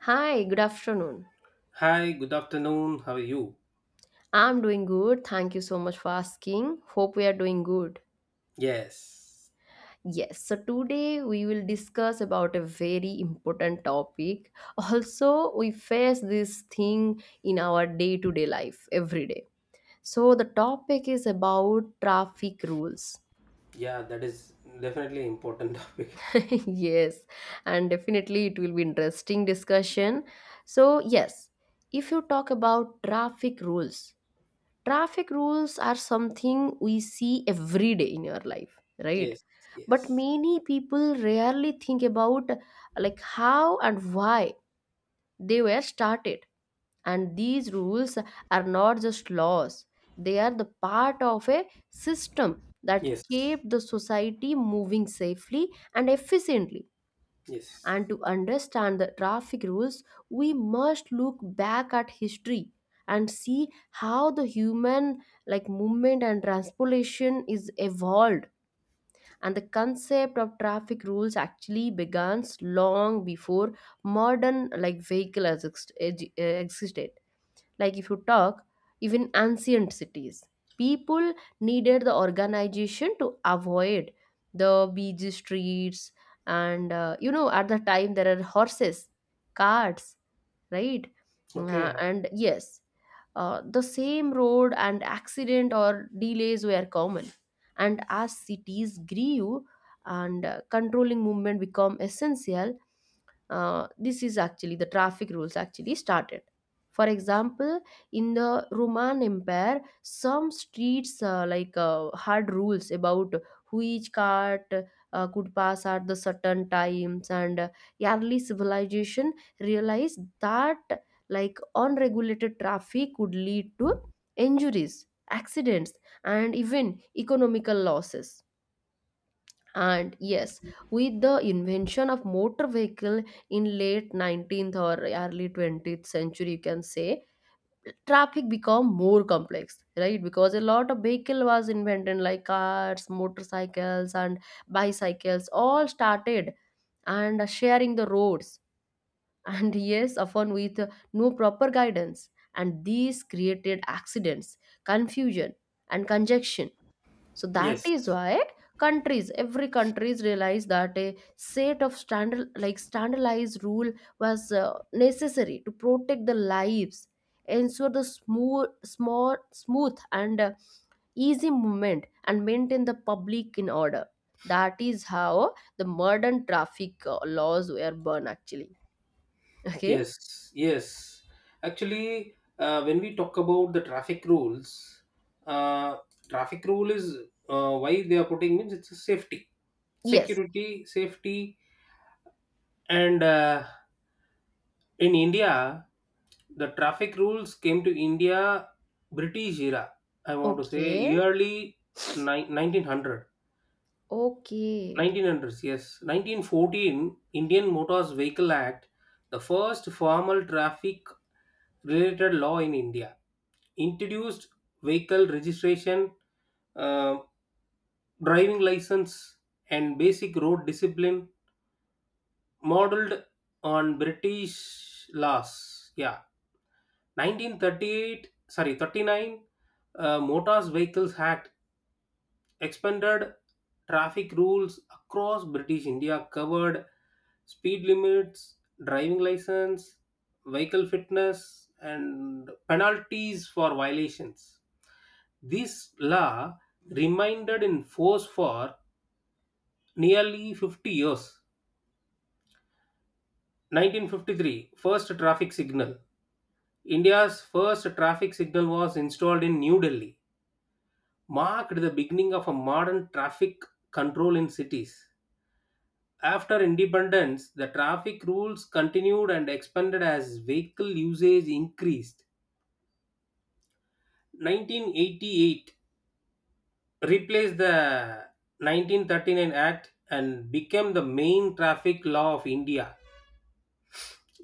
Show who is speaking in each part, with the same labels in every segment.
Speaker 1: Hi, good afternoon.
Speaker 2: Hi, good afternoon. How are you?
Speaker 1: I'm doing good. Thank you so much for asking. Hope we are doing good.
Speaker 2: Yes.
Speaker 1: Yes, so today we will discuss about a very important topic. Also, we face this thing in our day-to-day life every day. So the topic is about traffic rules.
Speaker 2: Yeah, that is definitely important topic.
Speaker 1: Yes, and definitely it will be interesting discussion. So yes, if you talk about traffic rules are something we see every day in your life, right?
Speaker 2: Yes,
Speaker 1: But
Speaker 2: yes,
Speaker 1: many people rarely think about like how and why they were started, and these rules are not just laws, they are the part of a system that
Speaker 2: yes,
Speaker 1: kept the society moving safely and efficiently.
Speaker 2: yes.
Speaker 1: And to understand the traffic rules, we must look back at history and see how the human like movement and transportation is evolved, and the concept of traffic rules actually begins long before modern like vehicle has existed. Like if you talk, even ancient cities, people needed the organization to avoid the busy streets. And at the time, there are horses, carts, right? Uh,
Speaker 2: Okay.
Speaker 1: and yes, the same road and accident or delays were common. And as cities grew and controlling movement become essential, this is actually the traffic rules actually started. For example, in the Roman Empire some streets had rules about which cart could pass at the certain times, and early civilization realized that like unregulated traffic could lead to injuries, accidents and even economical losses. And yes, with the invention of motor vehicle in late 19th or early 20th century you can say, traffic become more complex, right? Because a lot of vehicle was invented like cars, motorcycles and bicycles all started and sharing the roads. And yes, often with no proper guidance, and these created accidents, confusion and congestion. So that
Speaker 2: Yes,
Speaker 1: is why countries, every countries realized that a set of standard, like standardized rule was necessary to protect the lives, ensure the smooth, small smooth and easy movement and maintain the public in order. That is how the modern traffic laws were born actually. Okay.
Speaker 2: yes, yes. Actually, when we talk about the traffic rules, uh, traffic rule is, why they are putting means it's a safety,
Speaker 1: Yes.
Speaker 2: security, safety, and in India, the traffic rules came to India British era. I want to
Speaker 1: Okay.
Speaker 2: say early 1900.
Speaker 1: Okay.
Speaker 2: 1900s, yes. 1914, Indian Motors Vehicle Act, the first formal traffic related law in India, introduced vehicle registration, uh, driving license, and basic road discipline modeled on British laws. Yeah. 1938, sorry, 39, Motors Vehicles Act expanded traffic rules across British India, covered speed limits, driving license, vehicle fitness, and penalties for violations. This law remained in force for nearly 50 years. 1953, first traffic signal. India's first traffic signal was installed in New Delhi, marked the beginning of a modern traffic control in cities. After independence, the traffic rules continued and expanded as vehicle usage increased. 1988 replaced the 1939 Act and became the main traffic law of India.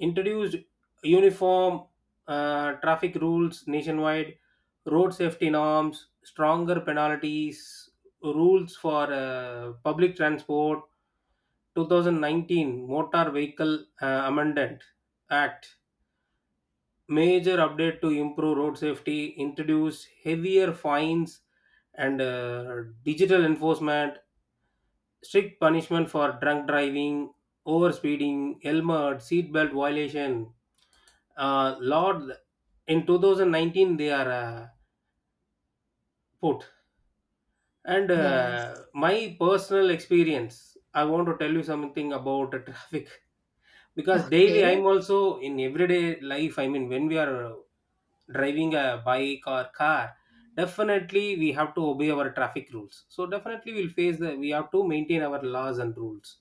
Speaker 2: Introduced uniform traffic rules nationwide, road safety norms, stronger penalties, rules for public transport. 2019 Motor Vehicle Amendment Act, major update to improve road safety, introduced heavier fines and digital enforcement, strict punishment for drunk driving, overspeeding, helmet, seatbelt violation, Lord, in 2019 they are put. And
Speaker 1: Yes.
Speaker 2: my personal experience, I want to tell you something about the traffic because
Speaker 1: Okay.
Speaker 2: daily I'm also in everyday life. I mean, when we are driving a bike or car, definitely we have to obey our traffic rules. So definitely we'll face the we have to maintain our laws and rules.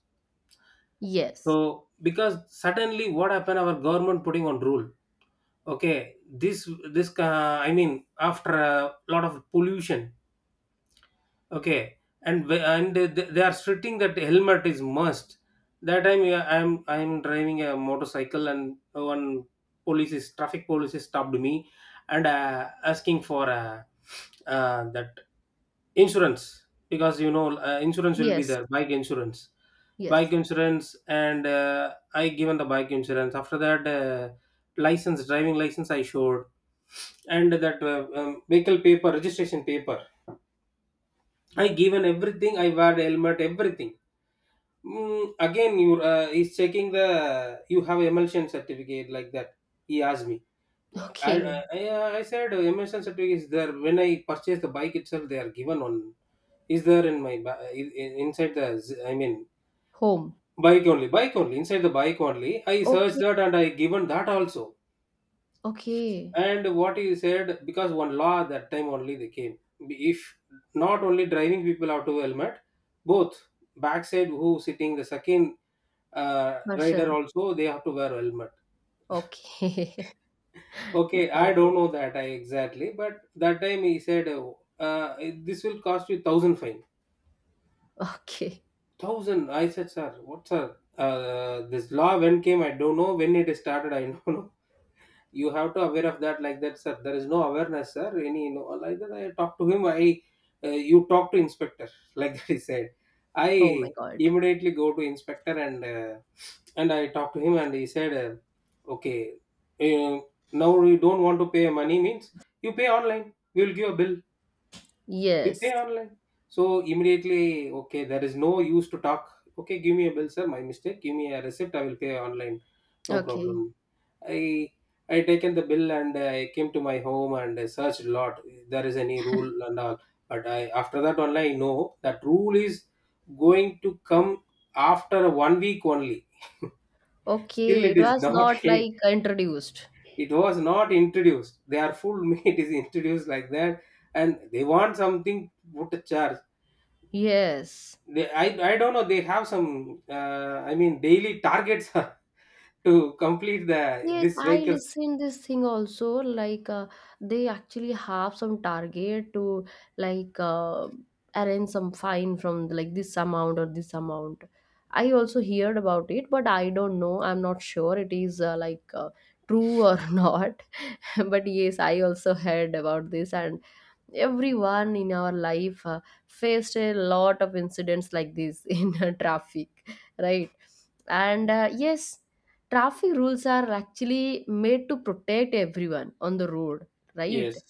Speaker 1: Yes,
Speaker 2: So because suddenly what happened? Our government putting on rule. Okay, this I mean, after a lot of pollution. Okay, and they are stating that helmet is must. That time, yeah, I'm driving a motorcycle and one police is traffic police is stopped me and asking for that insurance, because insurance will be
Speaker 1: yes.
Speaker 2: there, bike insurance bike
Speaker 1: Yes.
Speaker 2: insurance and I given the bike insurance. After that license, driving license, I showed, and that vehicle paper, registration paper, I given everything. I wear helmet, everything. Again, you he's checking the you have emulsion certificate like that. He asked me. I
Speaker 1: Okay.
Speaker 2: I, I I said emulsion certificate is there when I purchase the bike itself. They are given on is there in my inside the I mean
Speaker 1: Home.
Speaker 2: bike only, inside the bike only. I searched
Speaker 1: Okay,
Speaker 2: that and I given that also.
Speaker 1: okay.
Speaker 2: And what he said, because one law at that time only they came, if not only driving people have to helmet, both, backside who sitting, the second rider
Speaker 1: Person.
Speaker 2: also they have to wear helmet.
Speaker 1: Okay.
Speaker 2: Okay, I
Speaker 1: Got
Speaker 2: don't
Speaker 1: it.
Speaker 2: know that I exactly, but that time he said, this will cost you 1,000 fine.
Speaker 1: Okay.
Speaker 2: 1,000, I said, sir? What, sir, this law when came, I don't know when it started, I don't know. You have to aware of that, like that, sir. There is no awareness, sir, any, no, like that, I talked to him, I, you talk to inspector, like that he said.
Speaker 1: Oh my
Speaker 2: I
Speaker 1: God.
Speaker 2: immediately go to inspector and and I talked to him, and he said, okay, uh, now you don't want to pay money means you pay online, we will give a bill, you pay
Speaker 1: Yes.
Speaker 2: online. So immediately, okay, there is no use to talk. Okay, give me a bill, sir, my mistake, give me a receipt, I will pay online, no
Speaker 1: Okay.
Speaker 2: problem. I I taken the bill and I came to my home and I searched a lot if there is any rule and all. But I, after that only, I know that rule is going to come after one week only. Still,
Speaker 1: Okay.
Speaker 2: it
Speaker 1: It
Speaker 2: is
Speaker 1: was
Speaker 2: not.
Speaker 1: not like introduced.
Speaker 2: It was not introduced. They are full me. It is introduced, like that, and they want something to put a charge.
Speaker 1: Yes.
Speaker 2: I don't know. They have some. I mean, daily targets to complete the
Speaker 1: Yes,
Speaker 2: this
Speaker 1: I
Speaker 2: vehicles.
Speaker 1: listen this thing also. Like they actually have some target to like arrange some fine from like this amount or this amount. I also heard about it, but I don't know. I'm not sure it is true or not. But yes, I also heard about this. And everyone in our life faced a lot of incidents like this in traffic, right? And yes, traffic rules are actually made to protect everyone on the road, right?
Speaker 2: Yes,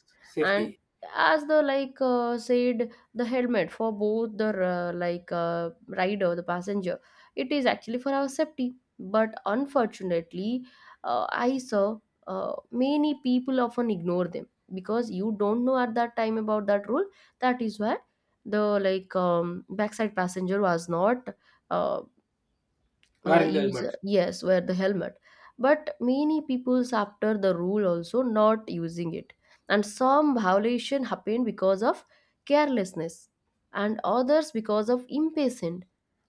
Speaker 1: And
Speaker 2: safety
Speaker 1: as the said, the helmet for both the rider, the passenger, it is actually for our safety. But unfortunately, I saw many people often ignore them, because you don't know at that time about that rule. That is why the backside passenger was not uh,
Speaker 2: wearing the
Speaker 1: use
Speaker 2: helmet.
Speaker 1: yes wear the helmet. But many people's, after the rule also, not using it. And some violation happen because of carelessness, and others because of impatient,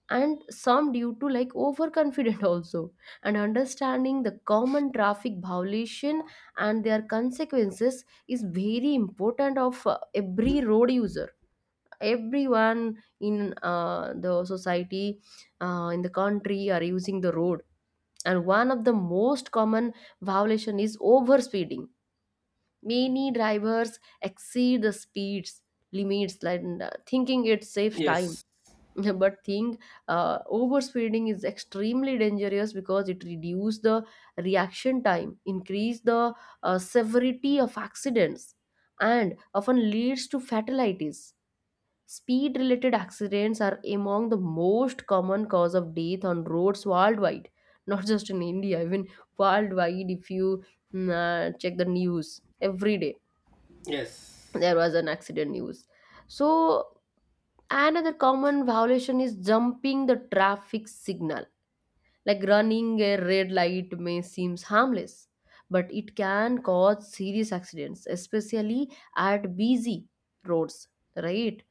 Speaker 1: and some due to like overconfident also. And understanding the common traffic violation and their consequences is very important of every road user, everyone in the society, in the country are using the road. And one of the most common violation is overspeeding. Many drivers exceed the speeds limits like thinking it saves time.
Speaker 2: Yes.
Speaker 1: But think, overspeeding is extremely dangerous because it reduces the reaction time, increase the severity of accidents, and often leads to fatalities. Speed related accidents are among the most common cause of death on roads worldwide, not just in India, even worldwide. If you check the news every day,
Speaker 2: Yes.
Speaker 1: there was an accident news. So, another common violation is jumping the traffic signal. Like running a red light may seem harmless, but it can cause serious accidents, especially at busy roads, right?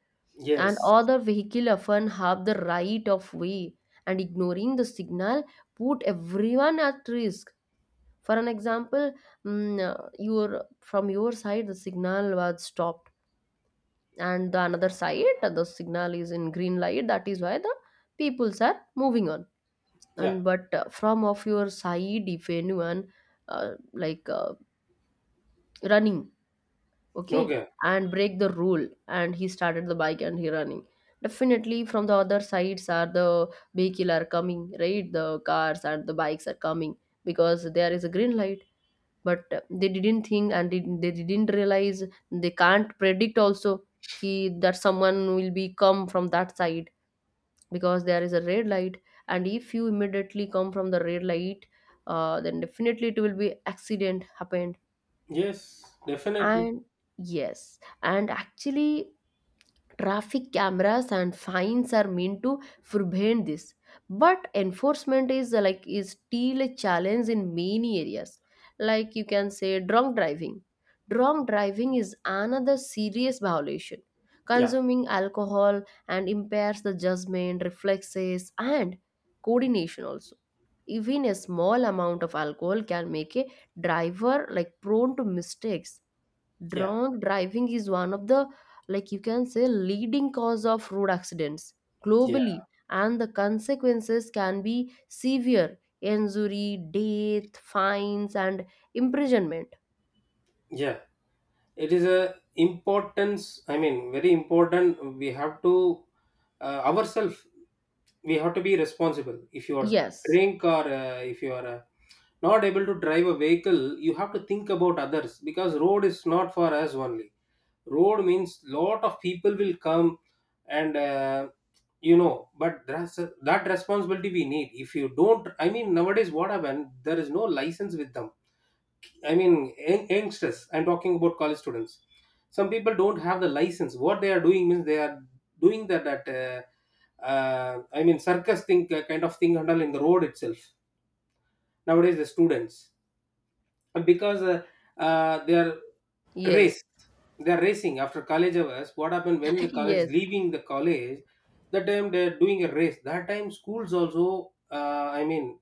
Speaker 1: And
Speaker 2: Yes.
Speaker 1: other vehicle often have the right of way, and ignoring the signal put everyone at risk. For an example, your, from your side the signal was stopped, and the another side the signal is in green light, that is why the peoples are moving on.
Speaker 2: Yeah.
Speaker 1: And but from of your side, if anyone uh, like uh, running, okay,
Speaker 2: Okay.
Speaker 1: and break the rule and he started the bike and he running, definitely from the other sides are the vehicle are coming, right? The cars and the bikes are coming because there is a green light. But they didn't think and they didn't realize, they can't predict also, ki that someone will be come from that side, because there is a red light. And if you immediately come from the red light, then definitely it will be accident happened.
Speaker 2: Yes. Definitely.
Speaker 1: And yes, and actually traffic cameras and fines are meant to prevent this, but enforcement is is still a challenge in many areas. Like you can say drunk driving. Drunk driving is another serious violation.
Speaker 2: Yeah.
Speaker 1: Consuming alcohol and impairs the judgment, reflexes and coordination also. Even a small amount of alcohol can make a driver like prone to mistakes.
Speaker 2: Yeah.
Speaker 1: Drunk driving is one of the like you can say leading cause of road accidents
Speaker 2: Yeah.
Speaker 1: globally, and the consequences can be severe injury, death, fines and imprisonment.
Speaker 2: Yeah. It is a importance. I mean, very important. We have to ourselves. We have to be responsible. If you are
Speaker 1: Yes.
Speaker 2: drink, or if you are not able to drive a vehicle, you have to think about others because road is not for us only. Road means lot of people will come, and but that responsibility we need. If you don't, I mean, nowadays what happened, there is no license with them. I mean youngsters, I'm talking about college students. Some people don't have the license. What they are doing means they are doing that I mean circus thing, kind of thing handle in the road itself. Nowadays the students, because they are
Speaker 1: Yes.
Speaker 2: race they are racing after college hours. What happened, when the college
Speaker 1: Yes.
Speaker 2: leaving the college, that time they are doing a race. That time schools also, I mean,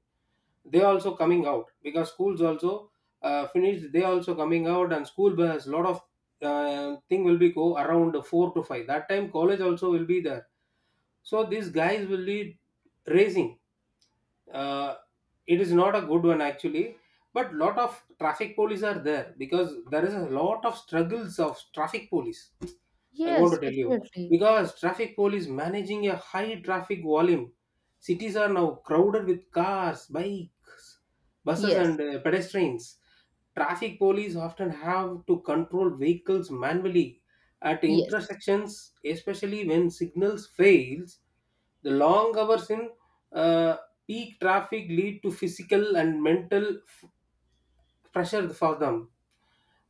Speaker 2: they also coming out, because schools also finished, they also coming out, and school bus, lot of thing will be go around 4 to 5, that time college also will be there, so these guys will be racing. uh, it is not a good one actually, but lot of traffic police are there because there is a lot of struggles of traffic police, I want
Speaker 1: Yes,
Speaker 2: to tell you.
Speaker 1: definitely.
Speaker 2: Because traffic police managing a high traffic volume, cities are now crowded with cars, bikes, buses
Speaker 1: Yes.
Speaker 2: and pedestrians. Traffic police often have to control vehicles manually at
Speaker 1: Yes.
Speaker 2: intersections, especially when signals fails. The long hours in uh, peak traffic lead to physical and mental pressure for them,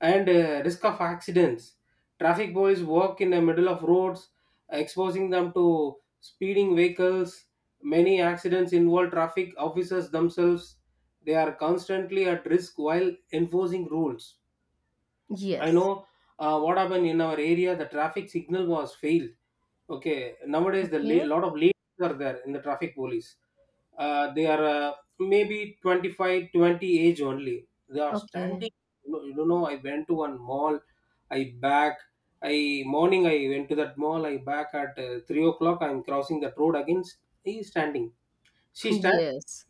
Speaker 2: and risk of accidents. Traffic boys walk in the middle of roads, exposing them to speeding vehicles. Many accidents involve traffic officers themselves. They are constantly at risk while enforcing rules. I
Speaker 1: Yes.
Speaker 2: know what happened in our area. The traffic signal was failed. Okay, nowadays the
Speaker 1: Okay.
Speaker 2: lot of lanes are there in the traffic police. They are, maybe 25, 20 age only. They are
Speaker 1: Okay.
Speaker 2: standing. You don't know, I went to one mall. I back. I morning I went to that mall. I back at 3 o'clock. I'm crossing that road again. He is standing. She stand.
Speaker 1: Yes.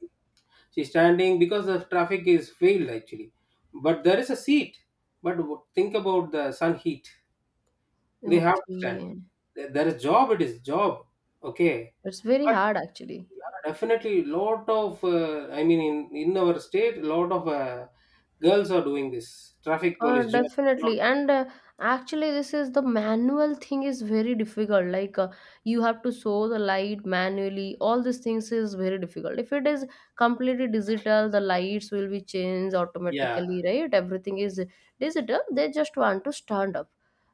Speaker 2: She's standing because the traffic is failed actually. But there is a seat. But think about the sun heat, they have to stand.
Speaker 1: Okay,
Speaker 2: There is job. It is job. Okay,
Speaker 1: it's very
Speaker 2: but
Speaker 1: hard actually.
Speaker 2: we are definitely lot of. I mean, in our state, lot of girls are doing this traffic
Speaker 1: Uh,
Speaker 2: police job.
Speaker 1: definitely. And actually, this is the manual thing is very difficult. Like you have to show the light manually. All these things is very difficult. If it is completely digital, the lights will be changed
Speaker 2: Yeah,
Speaker 1: automatically, right? Everything is digital. They just want to stand up.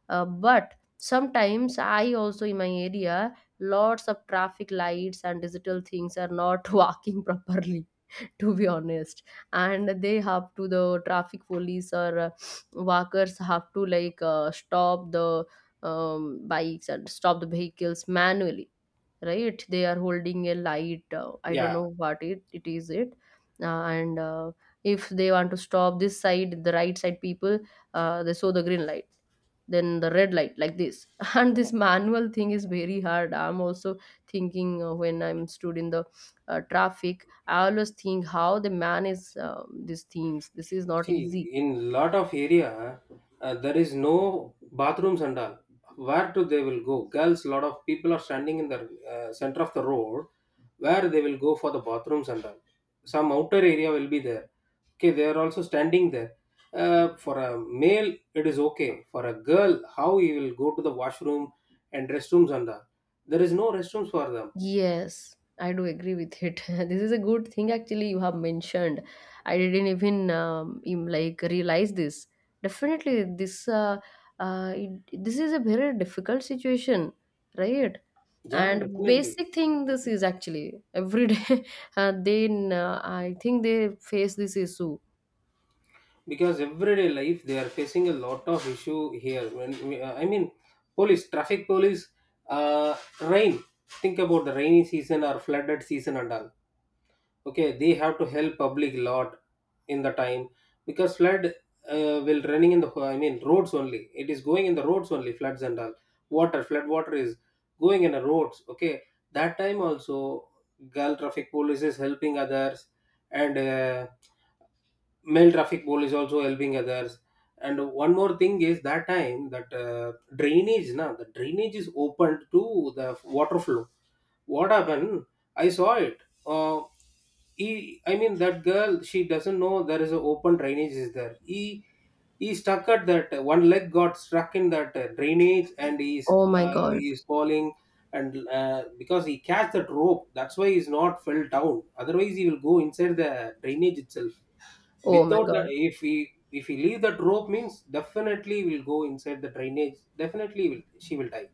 Speaker 1: But sometimes I also in my area, lots of traffic lights and digital things are not working properly, to be honest. And they have to, the traffic police or workers have to like stop the bikes and stop the vehicles manually, right? They are holding a light, I don't
Speaker 2: yeah.
Speaker 1: know what it is it. And If they want to stop this side, the right side people, they saw the green light, then the red light like this. And this manual thing is very hard. I'm also thinking, when I'm stood in the traffic, I always think how the man is these things, this is not easy.
Speaker 2: See, in lot of area, there is no bathrooms and all. Where to they will go? Girls, lot of people are standing in the center of the road, where they will go for the bathrooms and all? Some outer area will be there. Okay, they are also standing there. For a male, it is okay. For a girl, how he will go to the washroom and restrooms and all? There is no restrooms for them.
Speaker 1: Yes, I do agree with it. This is a good thing actually you have mentioned. I didn't even realize this. Definitely, this this is a very difficult situation, right?
Speaker 2: Yeah,
Speaker 1: And
Speaker 2: definitely.
Speaker 1: basic thing this is actually every day. Then I think they face this issue.
Speaker 2: Because everyday life they are facing a lot of issue here when, I mean, police, traffic police, uh, rain, think about the rainy season or flooded season and all. Okay, they have to help public lot in the time, because flood will running in the, I mean, roads only, it is going in the roads only, floods and all, water, flood water is going in the roads. Okay, that time also girl traffic police is helping others, and male traffic police also helping others. And one more thing is that time that drainage na, the drainage is opened to the water flow. What happened, I saw it, uh, he I mean that girl, she doesn't know there is an open drainage is there. He stuck at that, one leg got stuck in that drainage, and he's
Speaker 1: Oh my
Speaker 2: uh,
Speaker 1: God.
Speaker 2: he's falling, and because he catch that rope, that's why he's not fell down, otherwise he will go inside the drainage itself.
Speaker 1: Oh my
Speaker 2: Without the,
Speaker 1: God.
Speaker 2: if we leave that rope means definitely will go inside the drainage, definitely will, she will die.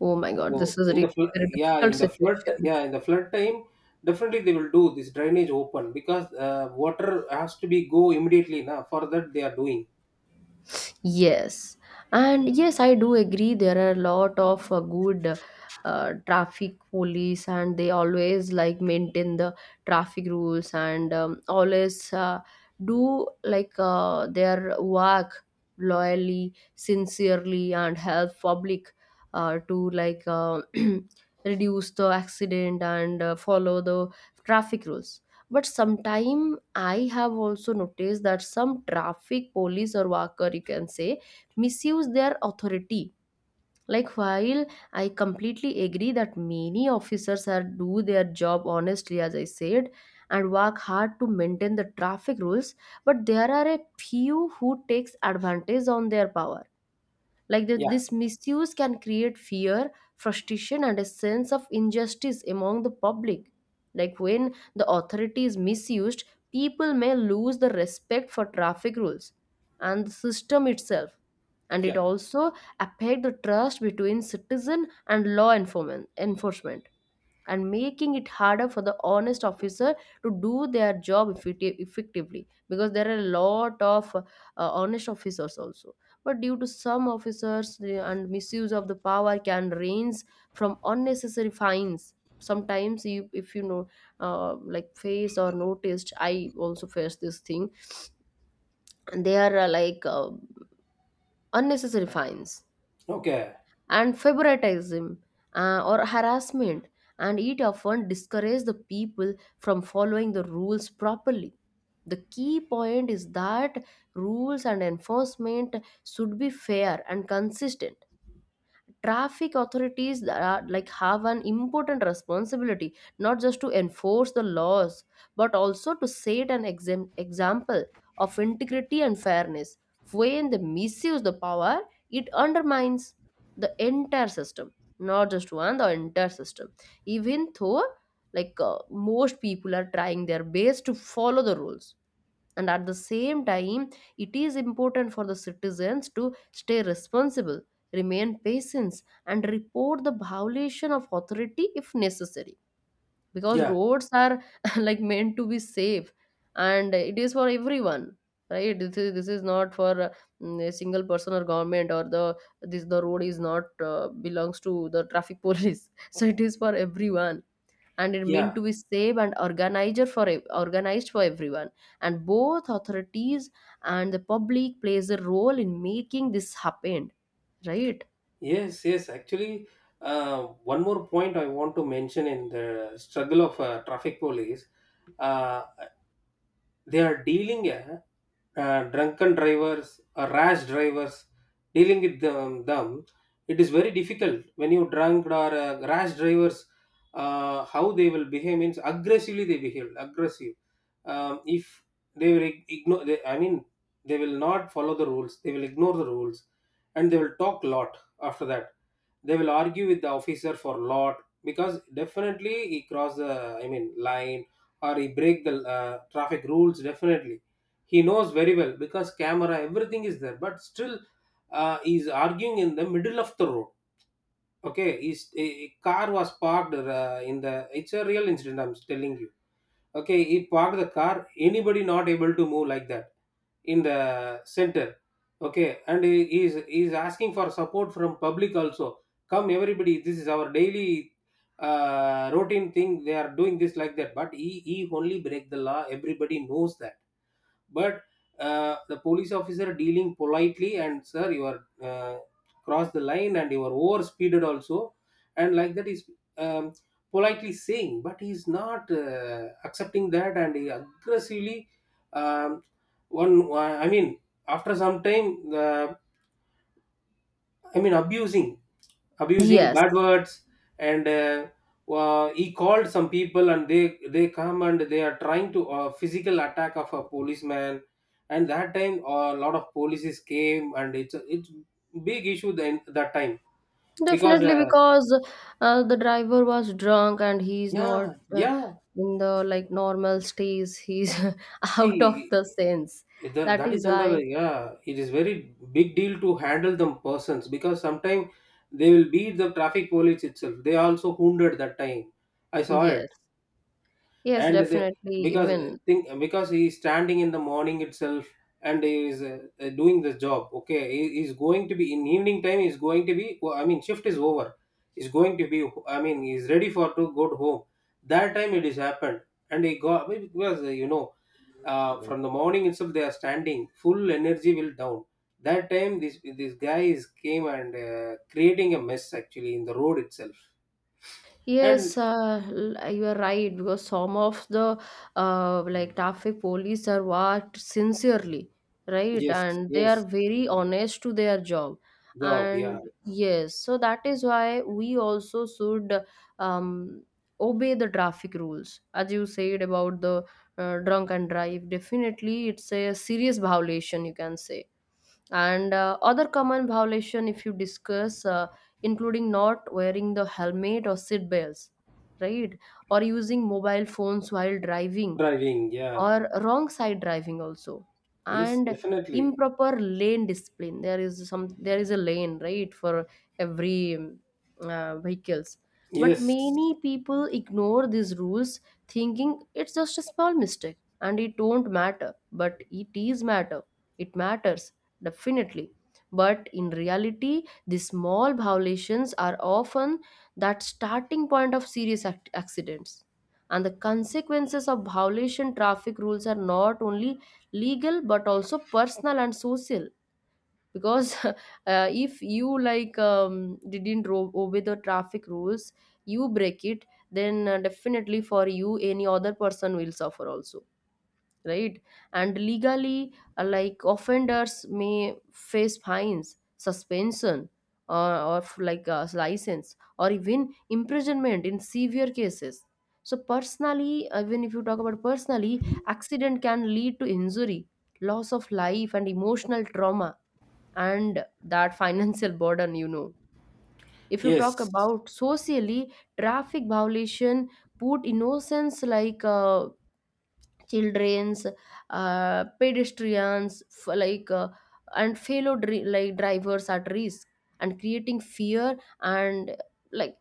Speaker 1: Oh my God.
Speaker 2: So
Speaker 1: This is a really very
Speaker 2: yeah,
Speaker 1: difficult
Speaker 2: in the flood,
Speaker 1: situation.
Speaker 2: yeah, in the flood time, definitely they will do this drainage open because water has to be go immediately, now for that they are doing.
Speaker 1: Yes, and yes, I do agree. There are a lot of good traffic police, and they always like maintain the traffic rules and always do like their work loyally, sincerely, and help public to like reduce the accident and follow the traffic rules. But sometime I have also noticed that some traffic police or worker you can say misuse their authority. Like while I completely agree that many officers are do their job honestly, as I said, and work hard to maintain the traffic rules, but there are a few who takes advantage on their power. Like that,
Speaker 2: Yeah,
Speaker 1: this misuse can create fear, frustration and a sense of injustice among the public. Like when the authority is misused, people may lose the respect for traffic rules and the system itself. And it
Speaker 2: yeah.
Speaker 1: also affect the trust between citizen and law enforcement and making it harder for the honest officer to do their job effectively, because there are a lot of honest officers also. But due to some officers and misuse of the power can range from unnecessary fines. Sometimes you, if you know, face or noticed, I also face this thing, and they are unnecessary fines
Speaker 2: Okay.
Speaker 1: and favoritism, or harassment, and it often discourages the people from following the rules properly. The key point is that rules and enforcement should be fair and consistent. Traffic authorities are, like have an important responsibility, not just to enforce the laws but also to set an example of integrity and fairness. When they misuse the power, it undermines the entire system, not just one the entire system. Even though most people are trying their best to follow the rules, and at the same time, it is important for the citizens to stay responsible, remain patient, and report the violation of authority if necessary, because
Speaker 2: Yeah,
Speaker 1: roads are like meant to be safe, and it is for everyone, right? This is not for a single person or government or the road is not belongs to the traffic police. So it is for everyone, and it
Speaker 2: yeah.
Speaker 1: meant to be safe and organized for everyone. And both authorities and the public plays a role in making this happen, right?
Speaker 2: Yes, yes, actually, one more point I want to mention in the struggle of traffic police. uh, they are dealing drunken drivers or rash drivers. Dealing with them, it is very difficult when you Drunk or rash drivers, how they will behave means aggressively, they behave aggressive. If they will ignore, I mean they will not follow the rules, they will ignore the rules, and they will talk lot. After that they will argue with the officer for lot, because definitely he crossed the I mean line, or he break the traffic rules definitely. He knows very well because camera everything is there, but still he's arguing in the middle of the road. Okay, his a car was parked in the, it's a real incident I'm telling you. Okay, he parked the car, anybody not able to move like that, in the center. Okay, and he is asking for support from public also. Come everybody, this is our daily routine thing they are doing this like that, but he only break the law, everybody knows that. But the police officer dealing politely and sir you are crossed the line and you are over speeded also, and like that is um, politely saying, but he's not accepting that and he aggressively. um, One I mean, after some time, the I mean, abusing, abusing
Speaker 1: Yes,
Speaker 2: bad words, and he called some people, and they come and they are trying to physical attack of a policeman, and that time a lot of polices came, and it's big issue then that time. Because
Speaker 1: definitely, because the driver was drunk and he's not,
Speaker 2: yeah, yeah,
Speaker 1: in the like normal states, he's out of
Speaker 2: see,
Speaker 1: the sense. That
Speaker 2: that is
Speaker 1: is
Speaker 2: under,
Speaker 1: why.
Speaker 2: yeah it is very big deal to handle them persons, because sometimes they will beat the traffic police itself, they also wounded that time. I saw it.
Speaker 1: Yes. Yes,
Speaker 2: And
Speaker 1: definitely,
Speaker 2: because
Speaker 1: even.
Speaker 2: think because he is standing in the morning itself, and he is doing this job. Okay, he is going to be in evening time, he is going to be, I mean, shift is over, he's going to be, I mean, he's ready for to go to home, that time it is happened. And he got because you know from the morning itself they are standing, full energy will down. That time this guy is came and creating a mess actually in the road itself. And
Speaker 1: Yes, you are right, because some of the like traffic police are worked sincerely, right?
Speaker 2: yes,
Speaker 1: And they are
Speaker 2: yes,
Speaker 1: very honest to their job.
Speaker 2: job,
Speaker 1: And
Speaker 2: yeah,
Speaker 1: yes, so that is why we also should um, obey the traffic rules. As you said about the drunk and drive, definitely it's a serious violation, you can say. And other common violation, if you discuss, including not wearing the helmet or seat belts, right, or using mobile phones while driving,
Speaker 2: driving, yeah.
Speaker 1: or wrong side driving also.
Speaker 2: Yes,
Speaker 1: And
Speaker 2: definitely.
Speaker 1: improper lane discipline. There is a lane right for every vehicles, but
Speaker 2: Yes,
Speaker 1: many people ignore these rules, thinking it's just a small mistake and it don't matter. But it is matter. It matters, definitely. But in reality, the small violations are often that starting point of serious accidents. And the consequences of violation traffic rules are not only legal but also personal and social, because if you like didn't ro- obey the traffic rules, you break it, then definitely for you, any other person will suffer also, right? And legally, like offenders may face fines, suspension, like a license, or even imprisonment in severe cases. So personally, even if you talk about personally, accident can lead to injury, loss of life, and emotional trauma, and that financial burden, if you
Speaker 2: yes,
Speaker 1: talk about socially, traffic violation put innocents like children's, pedestrians, and fellow like drivers at risk, and creating fear and like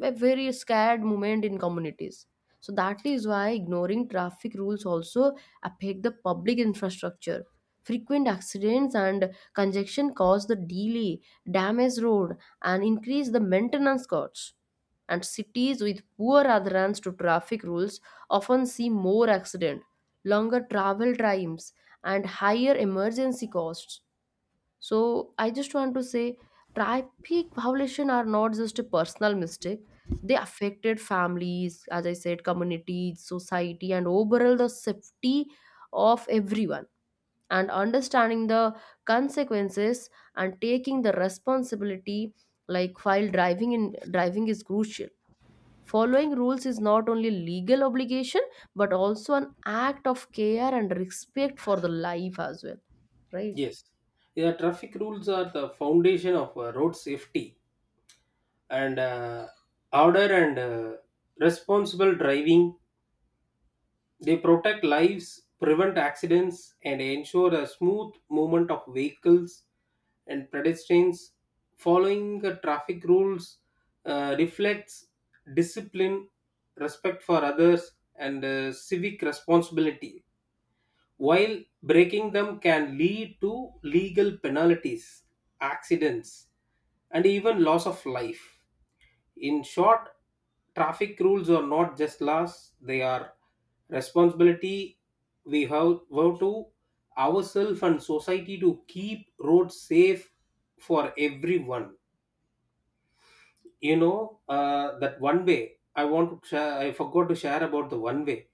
Speaker 1: a very scared moment in communities. So that is why ignoring traffic rules also affect the public infrastructure. Frequent accidents and congestion cause the delay, damage road, and increase the maintenance costs. And cities with poor adherence to traffic rules often see more accidents, longer travel times, and higher emergency costs. So I just want to say traffic violation are not just a personal mistake. They affected families, as I said, communities, society, and overall the safety of everyone. And understanding the consequences and taking the responsibility, like while driving in driving is crucial. Following rules is not only legal obligation but also an act of care and respect for the life as well, right?
Speaker 2: yes. Yeah, traffic rules are the foundation of road safety and order and responsible driving. They protect lives, prevent accidents, and ensure a smooth movement of vehicles and pedestrians. Following the traffic rules reflects discipline, respect for others, and civic responsibility, while breaking them can lead to legal penalties, accidents, and even loss of life. In short, traffic rules are not just laws, they are responsibility we have vow to ourselves and society to keep roads safe for everyone. You know, that one way, I want to share, I forgot to share about the one way.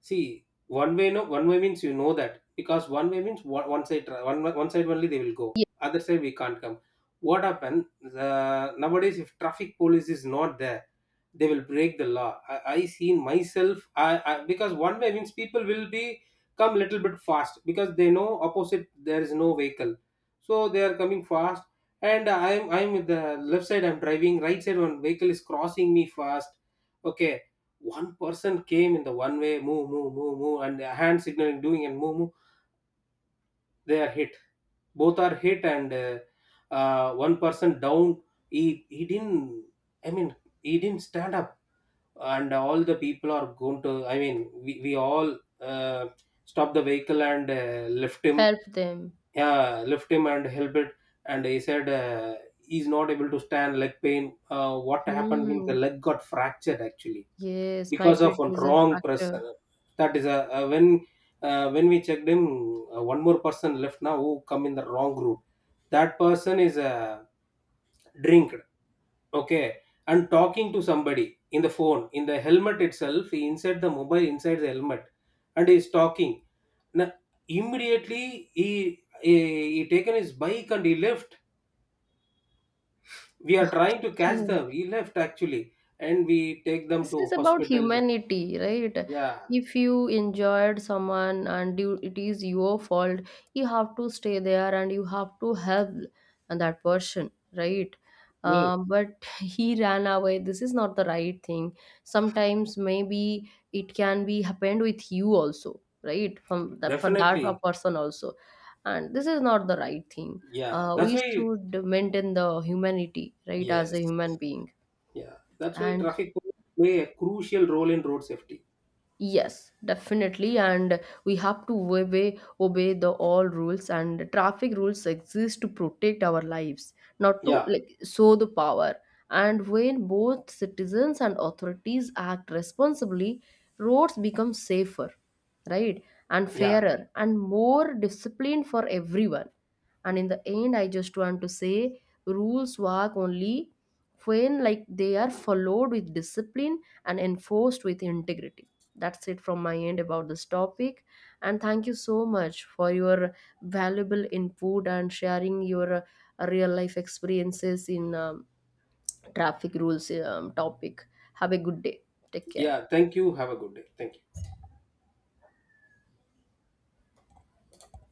Speaker 2: See, one way, no, one way means, you know that, because one way means one side, one side only they will go,
Speaker 1: Yeah,
Speaker 2: other side we can't come. What happened nowadays if traffic police is not there, they will break the law. I seen myself, I because one way means people will be come little bit fast because they know opposite there is no vehicle, so they are coming fast. And I'm with the left side, I'm driving, right side one vehicle is crossing me fast. Okay, one person came in the one way, move, move, move, move, and the hand signaling doing and move, move. They are hit, both are hit, and one person down. He didn't, I mean, he didn't stand up, and all the people are going to, I mean, we all uh, stopped the vehicle and left him.
Speaker 1: help them.
Speaker 2: Yeah, left him and helped it. And he said he's not able to stand, leg pain. What happened means
Speaker 1: Hmm.
Speaker 2: the leg got fractured actually,
Speaker 1: Yes, might
Speaker 2: because
Speaker 1: be a
Speaker 2: of one
Speaker 1: teaser
Speaker 2: wrong press.
Speaker 1: fracture.
Speaker 2: That is a, when we checked him, one more person left now who come in the wrong route. That person is a drink. Okay. And talking to somebody in the phone, in the helmet itself, he insert the mobile inside the helmet, and he's talking. Now, immediately he taken his bike and he left. We are trying to catch
Speaker 1: Okay.
Speaker 2: them. He left actually, and we take them
Speaker 1: This
Speaker 2: to
Speaker 1: is about
Speaker 2: hospital.
Speaker 1: humanity, right?
Speaker 2: Yeah,
Speaker 1: If you injured someone and you, it is your fault, you have to stay there and you have to help that person, right?
Speaker 2: yes,
Speaker 1: But he ran away. This is not the right thing. Sometimes maybe it can be happened with you also, right? From that, for that a
Speaker 2: definitely.
Speaker 1: person also, and this is not the right thing.
Speaker 2: Yeah, that's
Speaker 1: We
Speaker 2: why.
Speaker 1: should maintain the humanity, right, as a
Speaker 2: Yes,
Speaker 1: human being.
Speaker 2: yeah, that's why
Speaker 1: And
Speaker 2: traffic police play a crucial role in road safety.
Speaker 1: yes, definitely, and we have to obey the all rules, and traffic rules exist to protect our lives, not to
Speaker 2: Yeah,
Speaker 1: like show the power. And when both citizens and authorities act responsibly, roads become safer, right, and
Speaker 2: yeah,
Speaker 1: fairer and more disciplined for everyone. And in the end, I just want to say rules work only when like they are followed with discipline and enforced with integrity. That's it from my end about this topic, and thank you so much for your valuable input and sharing your real life experiences in traffic rules topic. Have a good day. Take care.
Speaker 2: yeah. Thank you. Have a good day. Thank you.